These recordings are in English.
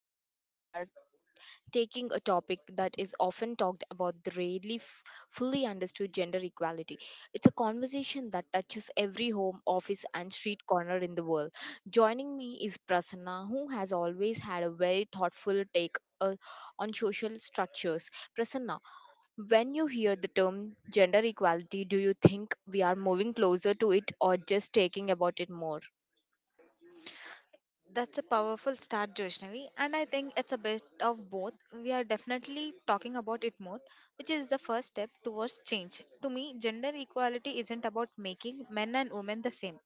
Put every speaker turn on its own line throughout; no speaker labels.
and today we are taking a topic that is often talked about the rarely fully understood gender equality. It's a conversation that touches every home, office, and street corner in the world. Joining me is Prasanna, who has always had a very thoughtful take on social structures. Prasanna, when you hear the term gender equality, do you think we are moving closer to it or just taking about it more?
That's a powerful start, Joshnavi, and I think it's a bit of both. We are definitely talking about it more, which is the first step towards change. To me, gender equality isn't about making men and women the same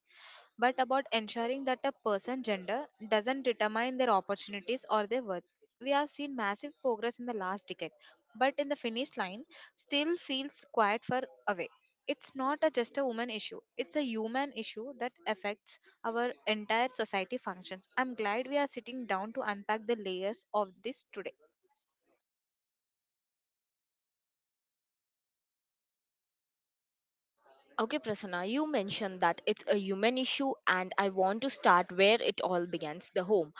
but about ensuring that a person's gender doesn't determine their opportunities or their worth. We have seen massive progress in the last decade, but in the finish line, still feels quite far away. It's not a just a woman issue, it's a human issue that affects our entire society functions. I'm glad we are sitting down to unpack the layers of this today.
Okay, Prasanna, you mentioned that it's a human issue, and I want to start where it all begins the home.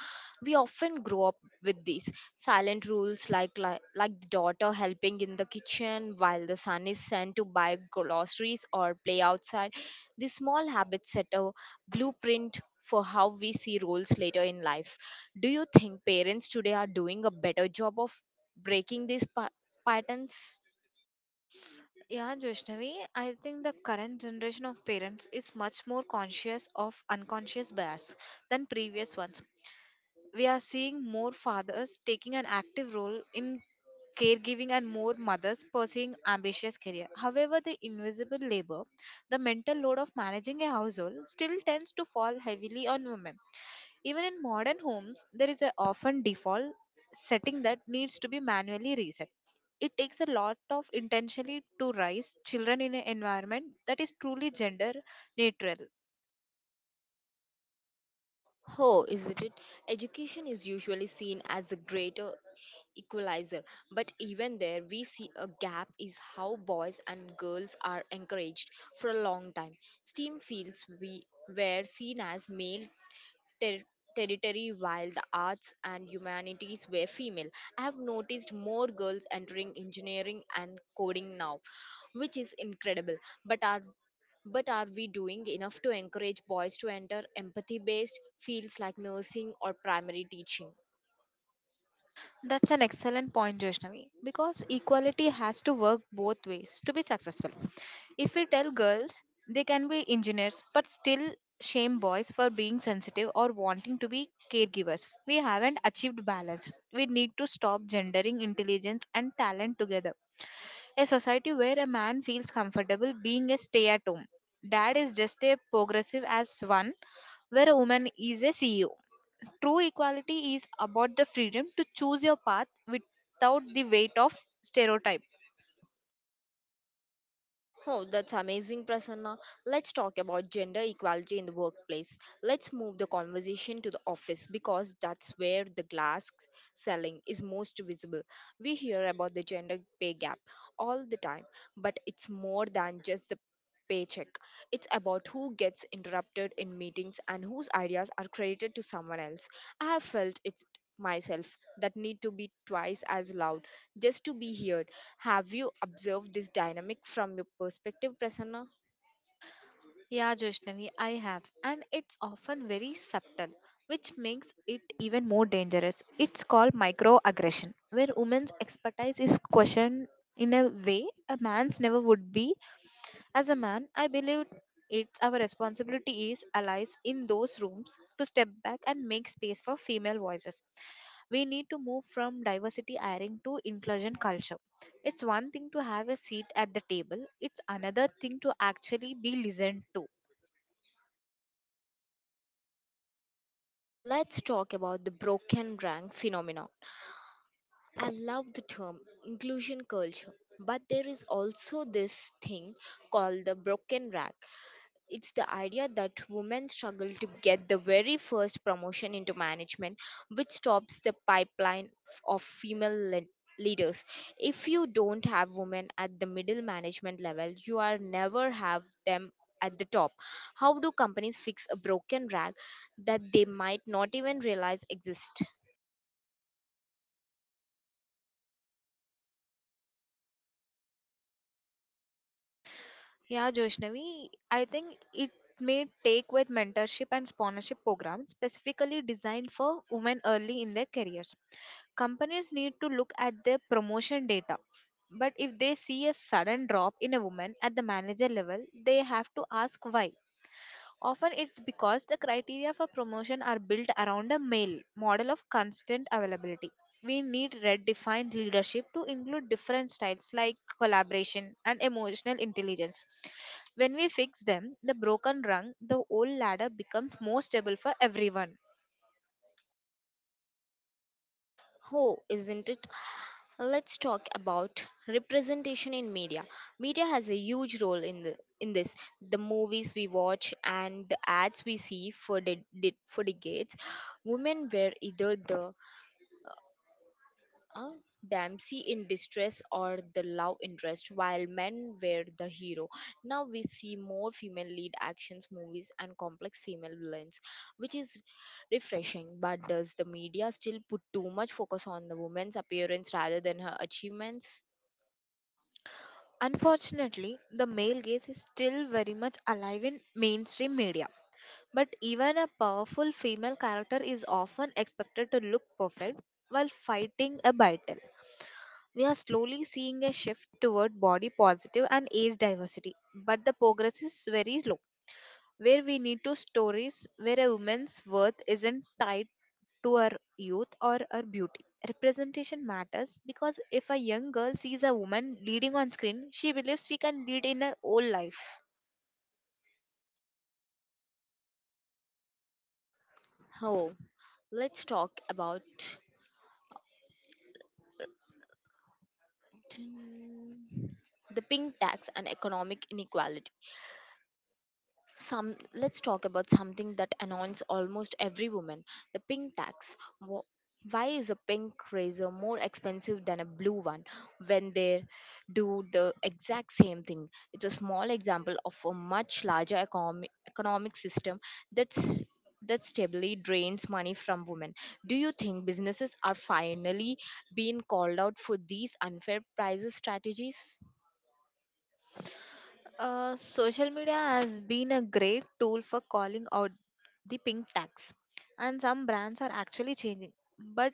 We often grow up with these silent rules like the daughter helping in the kitchen while the son is sent to buy groceries or play outside. These small habits set a blueprint for how we see roles later in life. Do you think parents today are doing a better job of breaking these patterns?
Yeah, Joshnavi, I think the current generation of parents is much more conscious of unconscious bias than previous ones. We are seeing more fathers taking an active role in caregiving and more mothers pursuing ambitious career. However, the invisible labor, the mental load of managing a household still tends to fall heavily on women. Even in modern homes, there is a often default setting that needs to be manually reset. It takes a lot of intentionally to raise children in an environment that is truly gender neutral.
Oh, isn't it? Education is usually seen as a greater equalizer, but even there, we see a gap is how boys and girls are encouraged for a long time. STEAM fields we were seen as male ter- territory while the arts and humanities were female. I have noticed more girls entering engineering and coding now, which is incredible. But are but are we doing enough to encourage boys to enter empathy based fields like nursing or primary teaching?
That's an excellent point, Joshnavi, because equality has to work both ways to be successful. If we tell girls they can be engineers but still shame boys for being sensitive or wanting to be caregivers, we haven't achieved balance. We need to stop gendering intelligence and talent together. A society where a man feels comfortable being a stay at home dad is just a progressive as one, where a woman is a CEO. True equality is about the freedom to choose your path without the weight of stereotype.
Oh, that's amazing, Prasanna. Let's talk about gender equality in the workplace. Let's move the conversation to the office because that's where the glass selling is most visible. We hear about the gender pay gap all the time, but it's more than just the paycheck. It's about who gets interrupted in meetings and whose ideas are credited to someone else. I have felt it myself that need to be twice as loud just to be heard. Have you observed this dynamic from your perspective, Prasanna?
Yeah, Joshnavi, I have. And it's often very subtle, which makes it even more dangerous. It's called microaggression, where women's expertise is questioned in a way a man's never would be. As a man, I believe it's our responsibility as allies in those rooms to step back and make space for female voices. We need to move from diversity hiring to inclusion culture. It's one thing to have a seat at the table, it's another thing to actually be listened to.
Let's talk about the broken rank phenomenon. I love the term inclusion culture, but there is also this thing called the broken rank. It's the idea that women struggle to get the very first promotion into management, which stops the pipeline of female leaders. If you don't have women at the middle management level, you are never have them at the top. How do companies fix a broken rag that they might not even realize exists?
Yeah, Joshnavi, I think it may take with mentorship and sponsorship programs specifically designed for women early in their careers. Companies need to look at their promotion data. But if they see a sudden drop in a woman at the manager level, they have to ask why. Often it's because the criteria for promotion are built around a male model of constant availability. We need redefined leadership to include different styles like collaboration and emotional intelligence. When we fix them, the broken rung, the old ladder becomes more stable for everyone.
Oh, isn't it? Let's talk about representation in media. Media has a huge role in the in this. The movies we watch and the ads we see for for decades, women were either the uh, damsel in distress or the love interest, while men were the hero. Now we see more female lead actions movies and complex female villains, which is refreshing. But does the media still put too much focus on the woman's appearance rather than her achievements?
Unfortunately, the male gaze is still very much alive in mainstream media. But even a powerful female character is often expected to look perfect while fighting a battle. We are slowly seeing a shift toward body positive and age diversity, but the progress is very slow. Where we need to stories where a woman's worth isn't tied to her youth or her beauty. Representation matters because if a young girl sees a woman leading on screen, she believes she can lead in her whole life.
Oh, let's talk about the pink tax and economic inequality. Some let's talk about something that annoys almost every woman: the pink tax. Wh- Why is a pink razor more expensive than a blue one when they do the exact same thing? It's a small example of a much larger economic system that's that stably drains money from women. Do you think businesses are finally being called out for these unfair prices strategies?
Social media has been a great tool for calling out the pink tax, and some brands are actually changing. But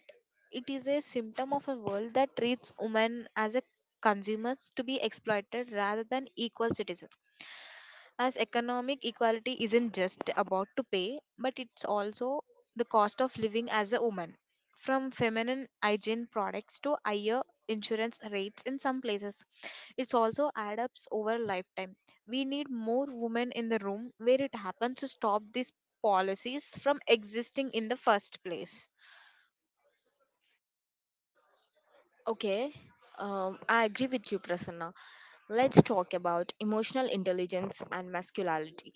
it is a symptom of a world that treats women as a consumers to be exploited rather than equal citizens. As economic equality isn't just about to pay, but it's also the cost of living as a woman. From feminine hygiene products to higher insurance rates in some places, it's also add ups over lifetime. We need more women in the room where it happens to stop these policies from existing in the first place.
Okay, I agree with you, Prasanna. Let's talk about emotional intelligence and masculinity.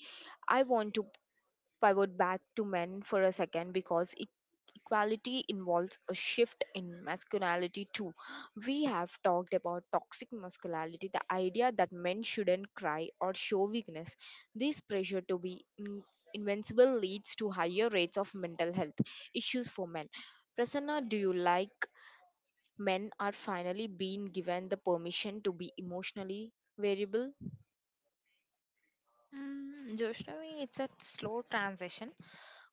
I want to pivot back to men for a second because equality involves a shift in masculinity too. We have talked about toxic masculinity, the idea that men shouldn't cry or show weakness. This pressure to be invincible leads to higher rates of mental health issues for men. Prasanna, do you like? Men are finally being given the permission to be emotionally variable?
Joshnavi, it's a slow transition.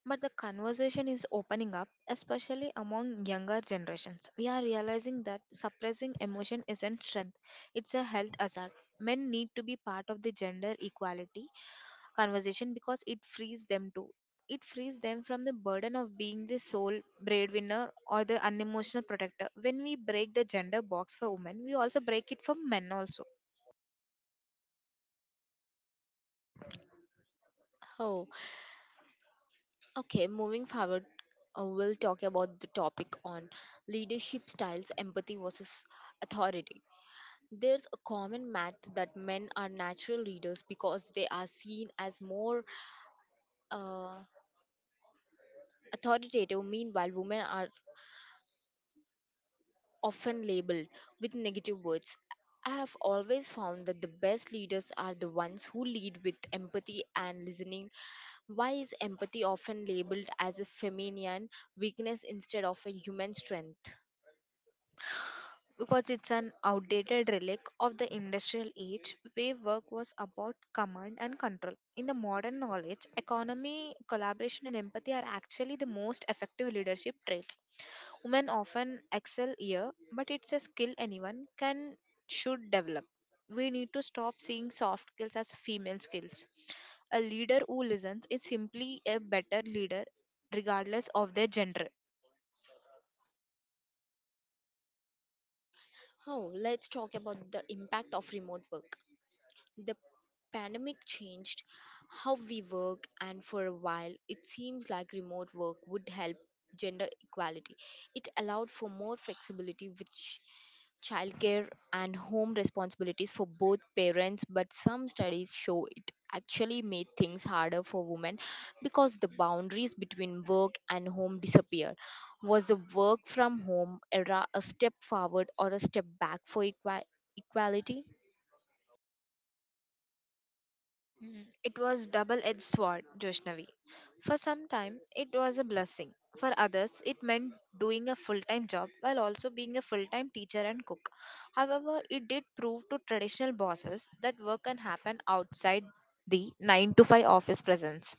But the conversation is opening up, especially among younger generations. We are realizing that suppressing emotion isn't strength, it's a health hazard. Men need to be part of the gender equality conversation because it frees them to. It frees them from the burden of being the sole breadwinner or the unemotional protector. When we break the gender box for women, we also break it for men also.
Oh, okay. Moving forward, we'll talk about the topic on leadership styles, empathy versus authority. There's a common myth that men are natural leaders because they are seen as more uh, authoritative, meanwhile, women are often labeled with negative words. I have always found that the best leaders are the ones who lead with empathy and listening. Why is empathy often labeled as a feminine weakness instead of a human strength?
Because it's an outdated relic of the industrial age where work was about command and control. In the modern knowledge, economy, collaboration, and empathy are actually the most effective leadership traits. Women often excel here, but it's a skill anyone can should develop. We need to stop seeing soft skills as female skills. A leader who listens is simply a better leader regardless of their gender.
Oh, let's talk about the impact of remote work. The pandemic changed how we work, and for a while, it seems like remote work would help gender equality. It allowed for more flexibility, which childcare and home responsibilities for both parents, but some studies show it actually made things harder for women because the boundaries between work and home disappeared. Was the work from home era a step forward or a step back for equality?
Mm, It was double-edged sword, Joshnavi. For some time, it was a blessing. For others, it meant doing a full-time job while also being a full-time teacher and cook. However, it did prove to traditional bosses that work can happen outside the 9 to 5 office presence.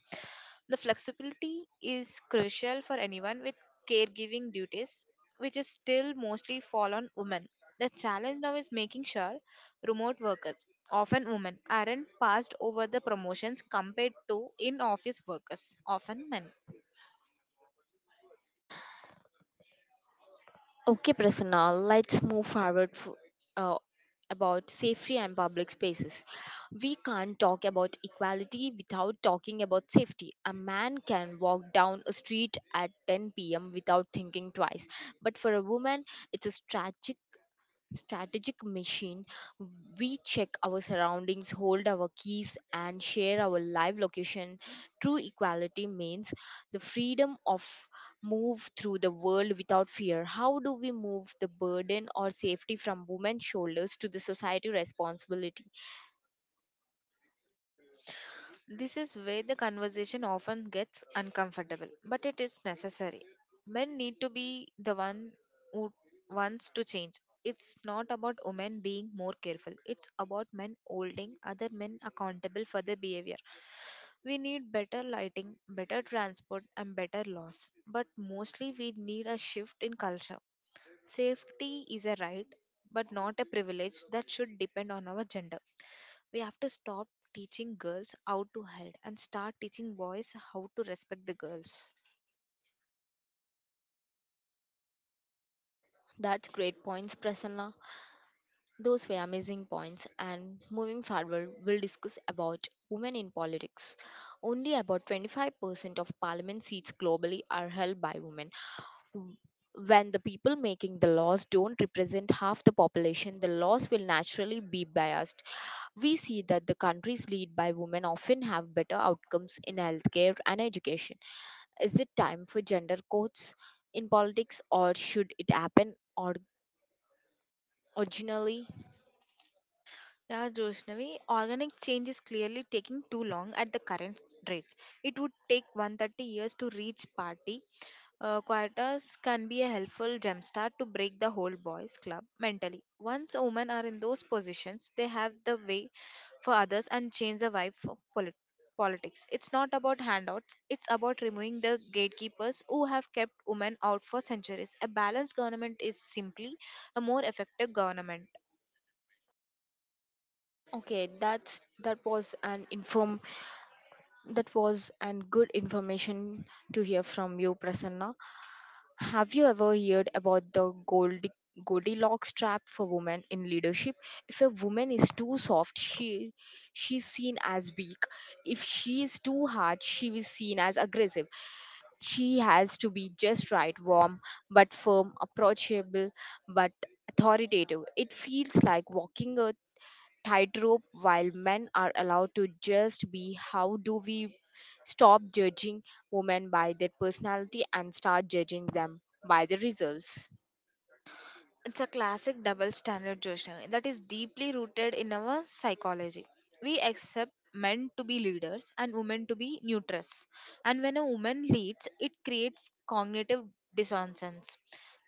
The flexibility is crucial for anyone with caregiving duties, which is still mostly fall on women. The challenge now is making sure remote workers, often women, aren't passed over the promotions compared to in office workers, often men.
Okay, Prasanna, let's move forward uh, about safety and public spaces. We can't talk about equality without talking about safety. A man can walk down a street at 10 p.m. without thinking twice, but for a woman, it's a tragic strategic machine, we check our surroundings, hold our keys, and share our live location. True equality means the freedom of move through the world without fear. How do we move the burden or safety from women's shoulders to the society responsibility?
This is where the conversation often gets uncomfortable, but it is necessary. Men need to be the one who wants to change. It's not about women being more careful. It's about men holding other men accountable for their behavior. We need better lighting, better transport, and better laws. But mostly, we need a shift in culture. Safety is a right, but not a privilege that should depend on our gender. We have to stop teaching girls how to hide and start teaching boys how to respect the girls.
That's great points, Prasanna. Those were amazing points. And moving forward, we'll discuss about women in politics. Only about 25% of parliament seats globally are held by women. w- when the people making the laws don't represent half the population, the laws will naturally be biased. We see that the countries led by women often have better outcomes in healthcare and education. Is it time for gender quotes in politics, or should it happen or originally?
Yeah, Joshnavi, organic change is clearly taking too long at the current rate. It would take 130 years to reach party. Quotas can be a helpful jumpstart to break the whole boys' club mentally. Once women are in those positions, they have the way for others and change the vibe for politics. It's not about handouts, it's about removing the gatekeepers who have kept women out for centuries. A balanced government is simply a more effective government.
Okay, That was and good information to hear from you, Prasanna. Have you ever heard about the Goldilocks trap for women in leadership? If a woman is too soft, she's seen as weak. If she is too hard, she is seen as aggressive. She has to be just right, warm but firm, approachable but authoritative. It feels like walking tightrope while men are allowed to just be. How do we stop judging women by their personality and start judging them by the results?
It's a classic double standard, Joshna, that is deeply rooted in our psychology. We accept men to be leaders and women to be neutrals. And when a woman leads, it creates cognitive dissonance.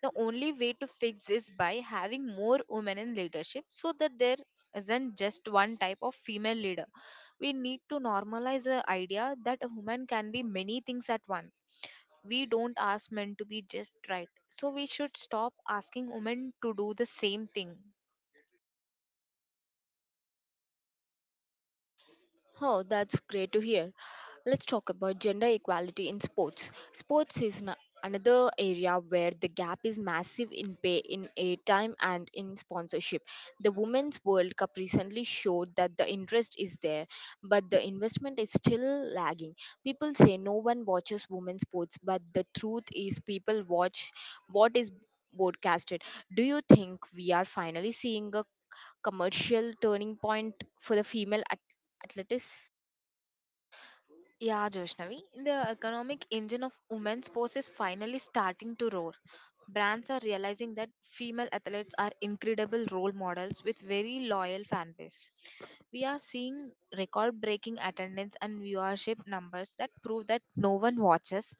The only way to fix is by having more women in leadership so that there isn't just one type of female leader. We need to normalize the idea that a woman can be many things at once. We don't ask men to be just right. So we should stop asking women to do the same thing.
Oh, that's great to hear. Let's talk about gender equality in sports. Sports is another area where the gap is massive in pay, in airtime, and in sponsorship. The Women's World Cup recently showed that the interest is there, but the investment is still lagging. People say no one watches women's sports, but the truth is people watch what is broadcasted. Do you think we are finally seeing a commercial turning point for the female athletes?
Yeah, Joshnavi, the economic engine of women's sports is finally starting to roar. Brands are realizing that female athletes are incredible role models with very loyal fan base. We are seeing record breaking attendance and viewership numbers that prove that no one watches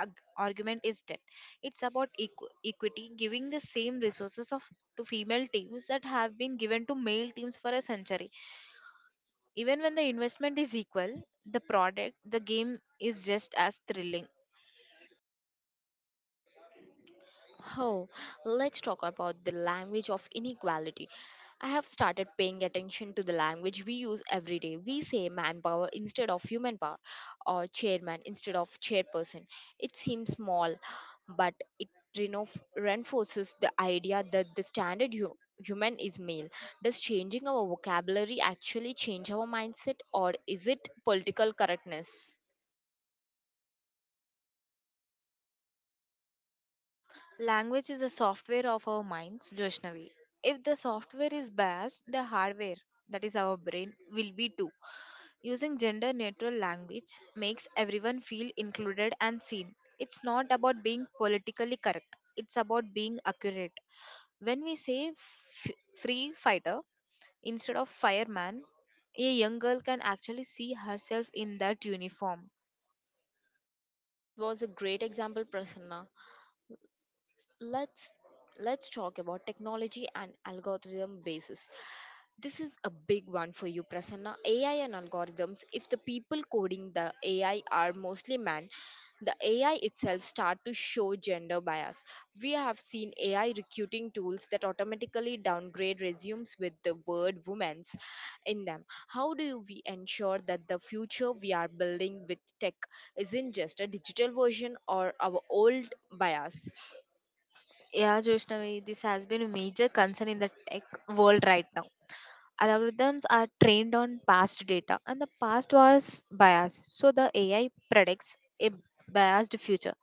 argument is dead. It's about equity, giving the same resources of to female teams that have been given to male teams for a century. Even when the investment is equal, the product, the game is just as thrilling.
Oh, let's talk about the language of inequality. I have started paying attention to the language we use every day. We say manpower instead of human power or chairman instead of chairperson. It seems small, but it reno- reinforces the idea that the standard human is male. Does changing our vocabulary actually change our mindset or is it political correctness?
Language is the software of our minds, Joshnavi. If the software is biased, the hardware, that is our brain, will be too. Using gender neutral language makes everyone feel included and seen. It's not about being politically correct, it's about being accurate. When we say free fighter instead of fireman, a young girl can actually see herself in that uniform.
That was a great example, Prasanna. let's let's talk about technology and algorithm basis. This is a big one for you, Prasanna. AI and algorithms, if the people coding the AI are mostly men, the AI itself start to show gender bias. We have seen AI recruiting tools that automatically downgrade resumes with the word women's in them. How do we ensure that the future we are building with tech isn't just a digital version or our old bias?
Yeah, Joshnavi, this has been a major concern in the tech world right now. Algorithms are trained on past data, and the past was biased, so the AI predicts a biased future.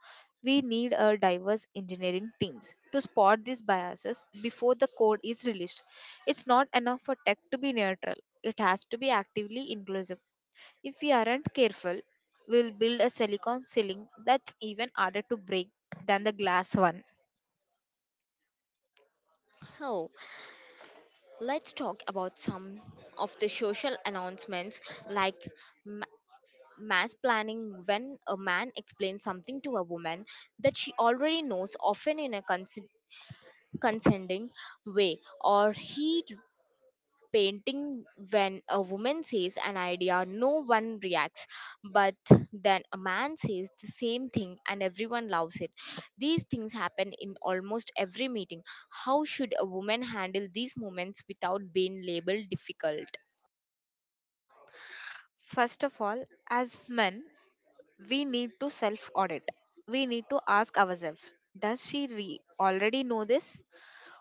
We need a diverse engineering teams to spot these biases before the code is released. It's not enough for tech to be neutral, it has to be actively inclusive. If we aren't careful, we'll build a silicon ceiling that's even harder to break than the glass one.
Oh, let's talk about some of the social announcements like ma- mass planning when a man explains something to a woman that she already knows often in a condescending way or he painting when a woman says an idea no one reacts but then a man says the same thing and everyone loves it. These things happen in almost every meeting. How should a woman handle these moments without being labeled difficult?
First of all, as men, we need to self audit. We need to ask ourselves, does she already know this?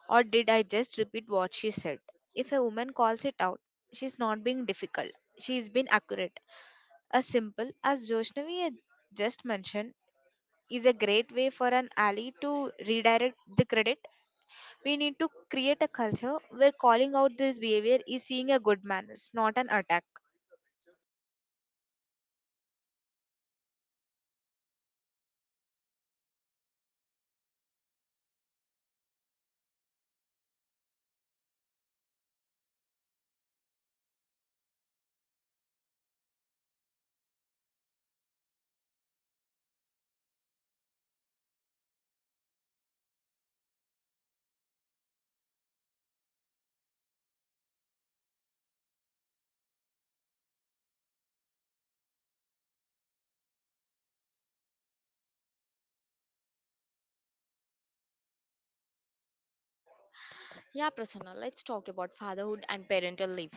Or did I just repeat what she said? If a woman calls it out, she's not being difficult, she's been accurate. As simple as Joshnavi had just mentioned, is a great way for an ally to redirect the credit. We need to create a culture where calling out this behavior is seeing a good manners, not an attack.
Yeah, Prasanna, let's talk about fatherhood and parental leave.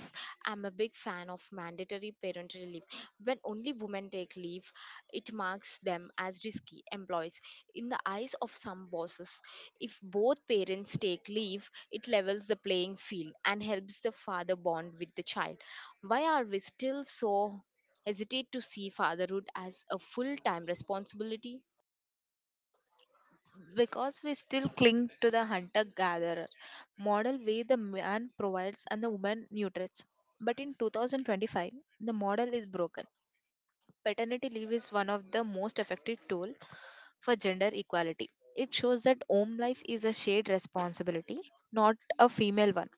I'm a big fan of mandatory parental leave. When only women take leave, it marks them as risky employees. In the eyes of some bosses, if both parents take leave, it levels the playing field and helps the father bond with the child. Why are we still so hesitate to see fatherhood as a full time responsibility?
Because we still cling to the hunter gatherer model where the man provides and the woman nutrients. But in 2025, the model is broken. Paternity leave is one of the most effective tool for gender equality. It shows that home life is a shared responsibility, not a female one.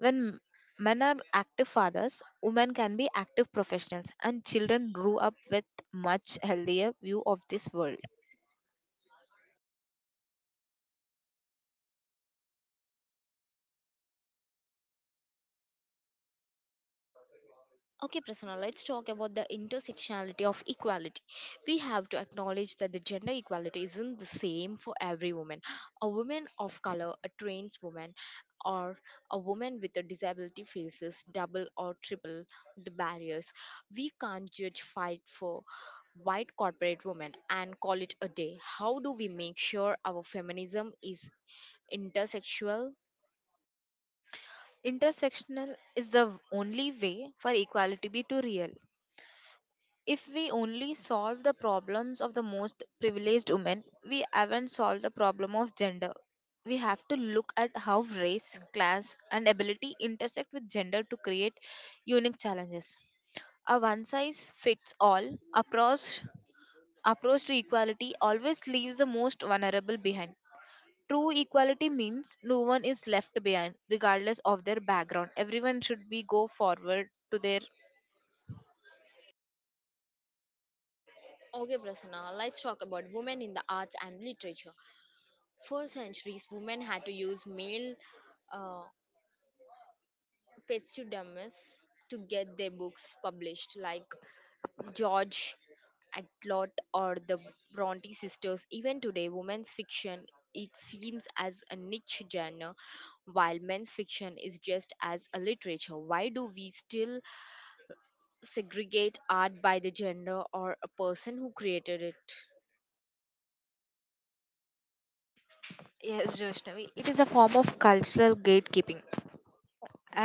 When men are active fathers, women can be active professionals, and children grow up with much healthier view of this world.
Okay, Prasanna, let's talk about the intersectionality of equality. We have to acknowledge that the gender equality isn't the same for every woman. A woman of color, a trans woman, or a woman with a disability faces double or triple the barriers. We can't judge fight for white corporate women and call it a day. How do we make sure our feminism is intersexual?
Intersectional is the only way for equality be to real. If we only solve the problems of the most privileged women, we haven't solved the problem of gender. We have to look at how race, class, and ability intersect with gender to create unique challenges. A one size fits all approach approach to equality always leaves the most vulnerable behind. True equality means no one is left behind, regardless of their background. Everyone should be go forward to their.
Okay, Prasanna, let's talk about women in the arts and literature. For centuries, women had to use male uh, pseudonyms to get their books published, like George Actlot or the Bronte sisters. Even today, women's fiction it seems as a niche genre, while men's fiction is just as a literature. Why do we still segregate art by the gender or a person who created it?
Yes, Joshnavi, it is a form of cultural gatekeeping,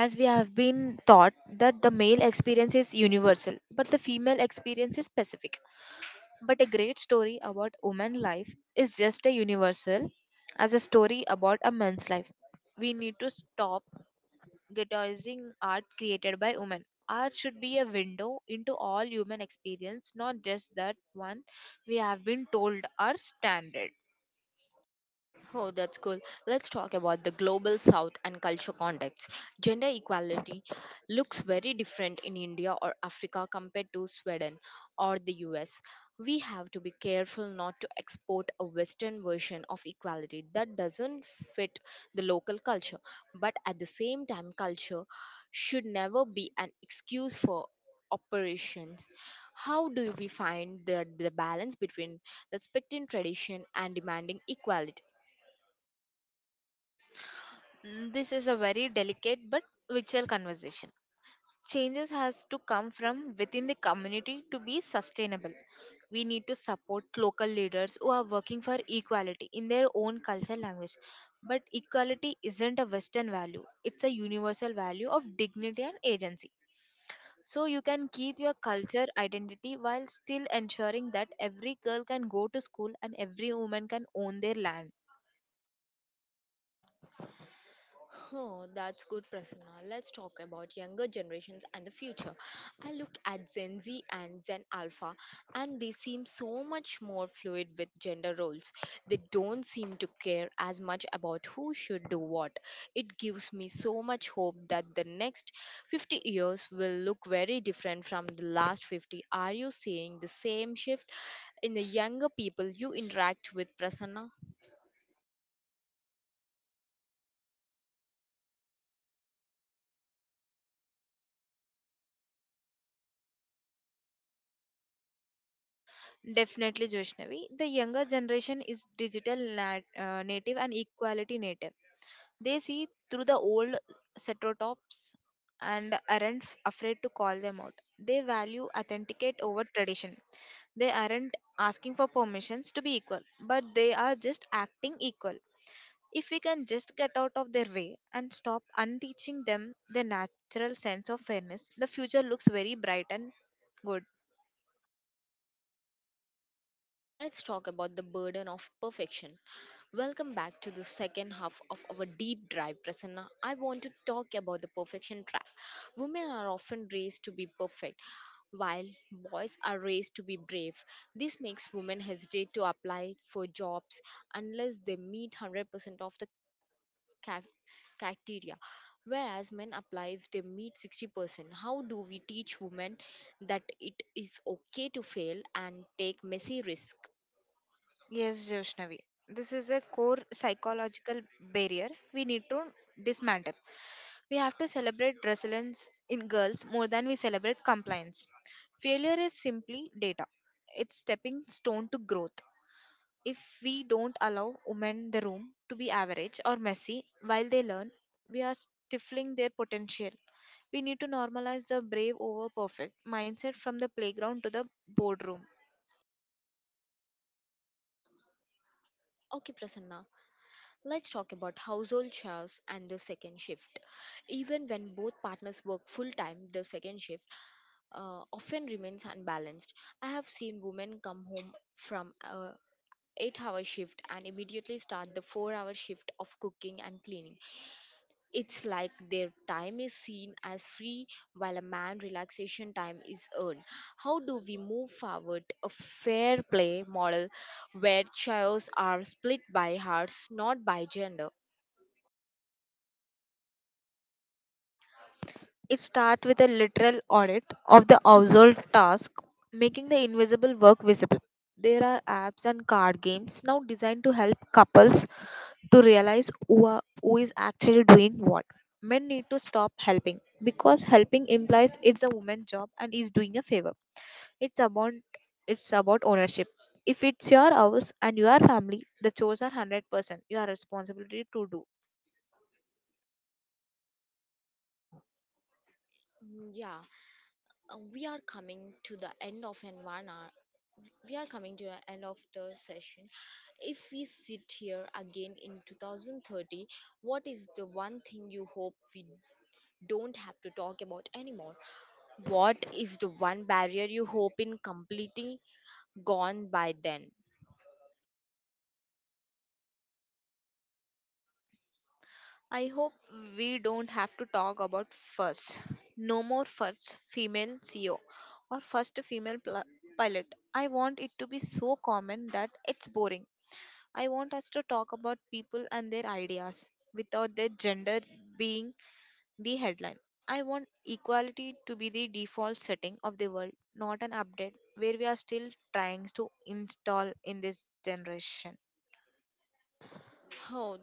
as we have been taught that the male experience is universal, but the female experience is specific. But a great story about woman life is just as universal as a story about a man's life. We need to stop guitizing art created by women. Art should be a window into all human experience, not just that one we have been told are standard.
Oh, that's cool. Let's talk about the global south and culture context. Gender equality looks very different in India or Africa compared to Sweden or the US. We have to be careful not to export a Western version of equality that doesn't fit the local culture. But at the same time, culture should never be an excuse for operations. How do we find the balance between respecting tradition and demanding equality?
Mm, this is a very delicate but vital conversation. Changes has to come from within the community to be sustainable. We need to support local leaders who are working for equality in their own culture language. But equality isn't a Western value, it's a universal value of dignity and agency. So you can keep your culture identity while still ensuring that every girl can go to school and every woman can own their land.
Huh, that's good, Prasanna. Let's talk about younger generations and the future. I look at Gen Z and Gen Alpha, and they seem so much more fluid with gender roles. They don't seem to care as much about who should do what. It gives me so much hope that the next 50 years will look very different from the last 50. Are you seeing the same shift in the younger people you interact with, Prasanna?
Definitely, Joshnavi. The younger generation is digital native and equality native. They see through the old stereotypes and aren't afraid to call them out. They value authenticate over tradition. They aren't asking for permissions to be equal, but they are just acting equal. If we can just get out of their way and stop unteaching them their natural sense of fairness, the future looks very bright and good.
Let's talk about the burden of perfection. Welcome back to the second half of our deep dive, Prasanna. I want to talk about the perfection trap. Women are often raised to be perfect, while boys are raised to be brave. This makes women hesitate to apply for jobs unless they meet 100% of the ca- criteria, whereas men apply if they meet 60%. How do we teach women that it is okay to fail and take messy risks?
Yes, Joshnavi. This is a core psychological barrier we need to dismantle. We have to celebrate resilience in girls more than we celebrate compliance. Failure is simply data, it's stepping stone to growth. If we don't allow women the room to be average or messy while they learn, we are stifling their potential. We need to normalize the brave over perfect mindset from the playground to the boardroom.
Okay, Prasanna, let's talk about household chores and the second shift. Even when both partners work full time, the second shift often remains unbalanced. I have seen women come home from a 8-hour shift and immediately start the 4-hour shift of cooking and cleaning. It's like their time is seen as free while a man relaxation time is earned. How do we move forward a fair play model where chores are split by hearts, not by gender?
It starts with a literal audit of the household task, making the invisible work visible. There are apps and card games now designed to help couples to realize who is actually doing what. Men need to stop helping because helping implies it's a woman's job and is doing a favor. It's about it's about ownership. If it's your house and your family, the chores are 100% your responsibility to do.
Yeah, we are coming to the end of an 1 hour. We are coming to the end of the session. If we sit here again in 2030, what is the one thing you hope we don't have to talk about anymore? What is the one barrier you hope in completely gone by then?
I hope we don't have to talk about first. No more first female CEO or first female pilot. I want it to be so common that it's boring. I want us to talk about people and their ideas without their gender being the headline. I want equality to be the default setting of the world, not an update where we are still trying to install in this generation.
Oh,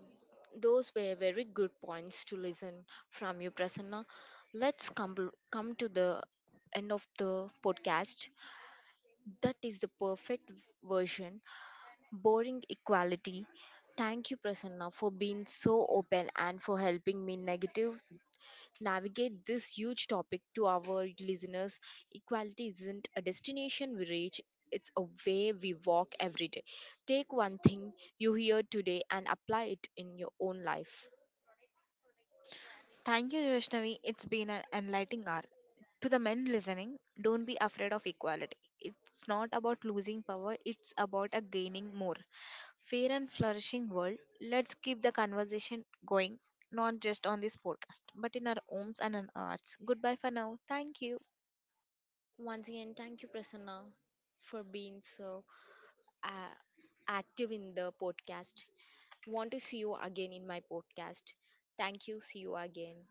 those were very good points to listen from you, Prasanna. Let's come to the end of the podcast. That is the perfect version. Boring equality. Thank you, Prasanna, for being so open and for helping me negative navigate this huge topic to our listeners. Equality isn't a destination we reach, it's a way we walk every day. Take one thing you hear today and apply it in your own life.
Thank you, Joshnavi. It's been an enlightening hour. To the men listening, don't be afraid of equality. It's not about losing power, it's about a gaining more. Fair and flourishing world, let's keep the conversation going, not just on this podcast, but in our homes and in our arts. Goodbye for now. Thank you.
Once again, thank you, Prasanna, for being so uh, active in the podcast. Want to see you again in my podcast. Thank you. See you again.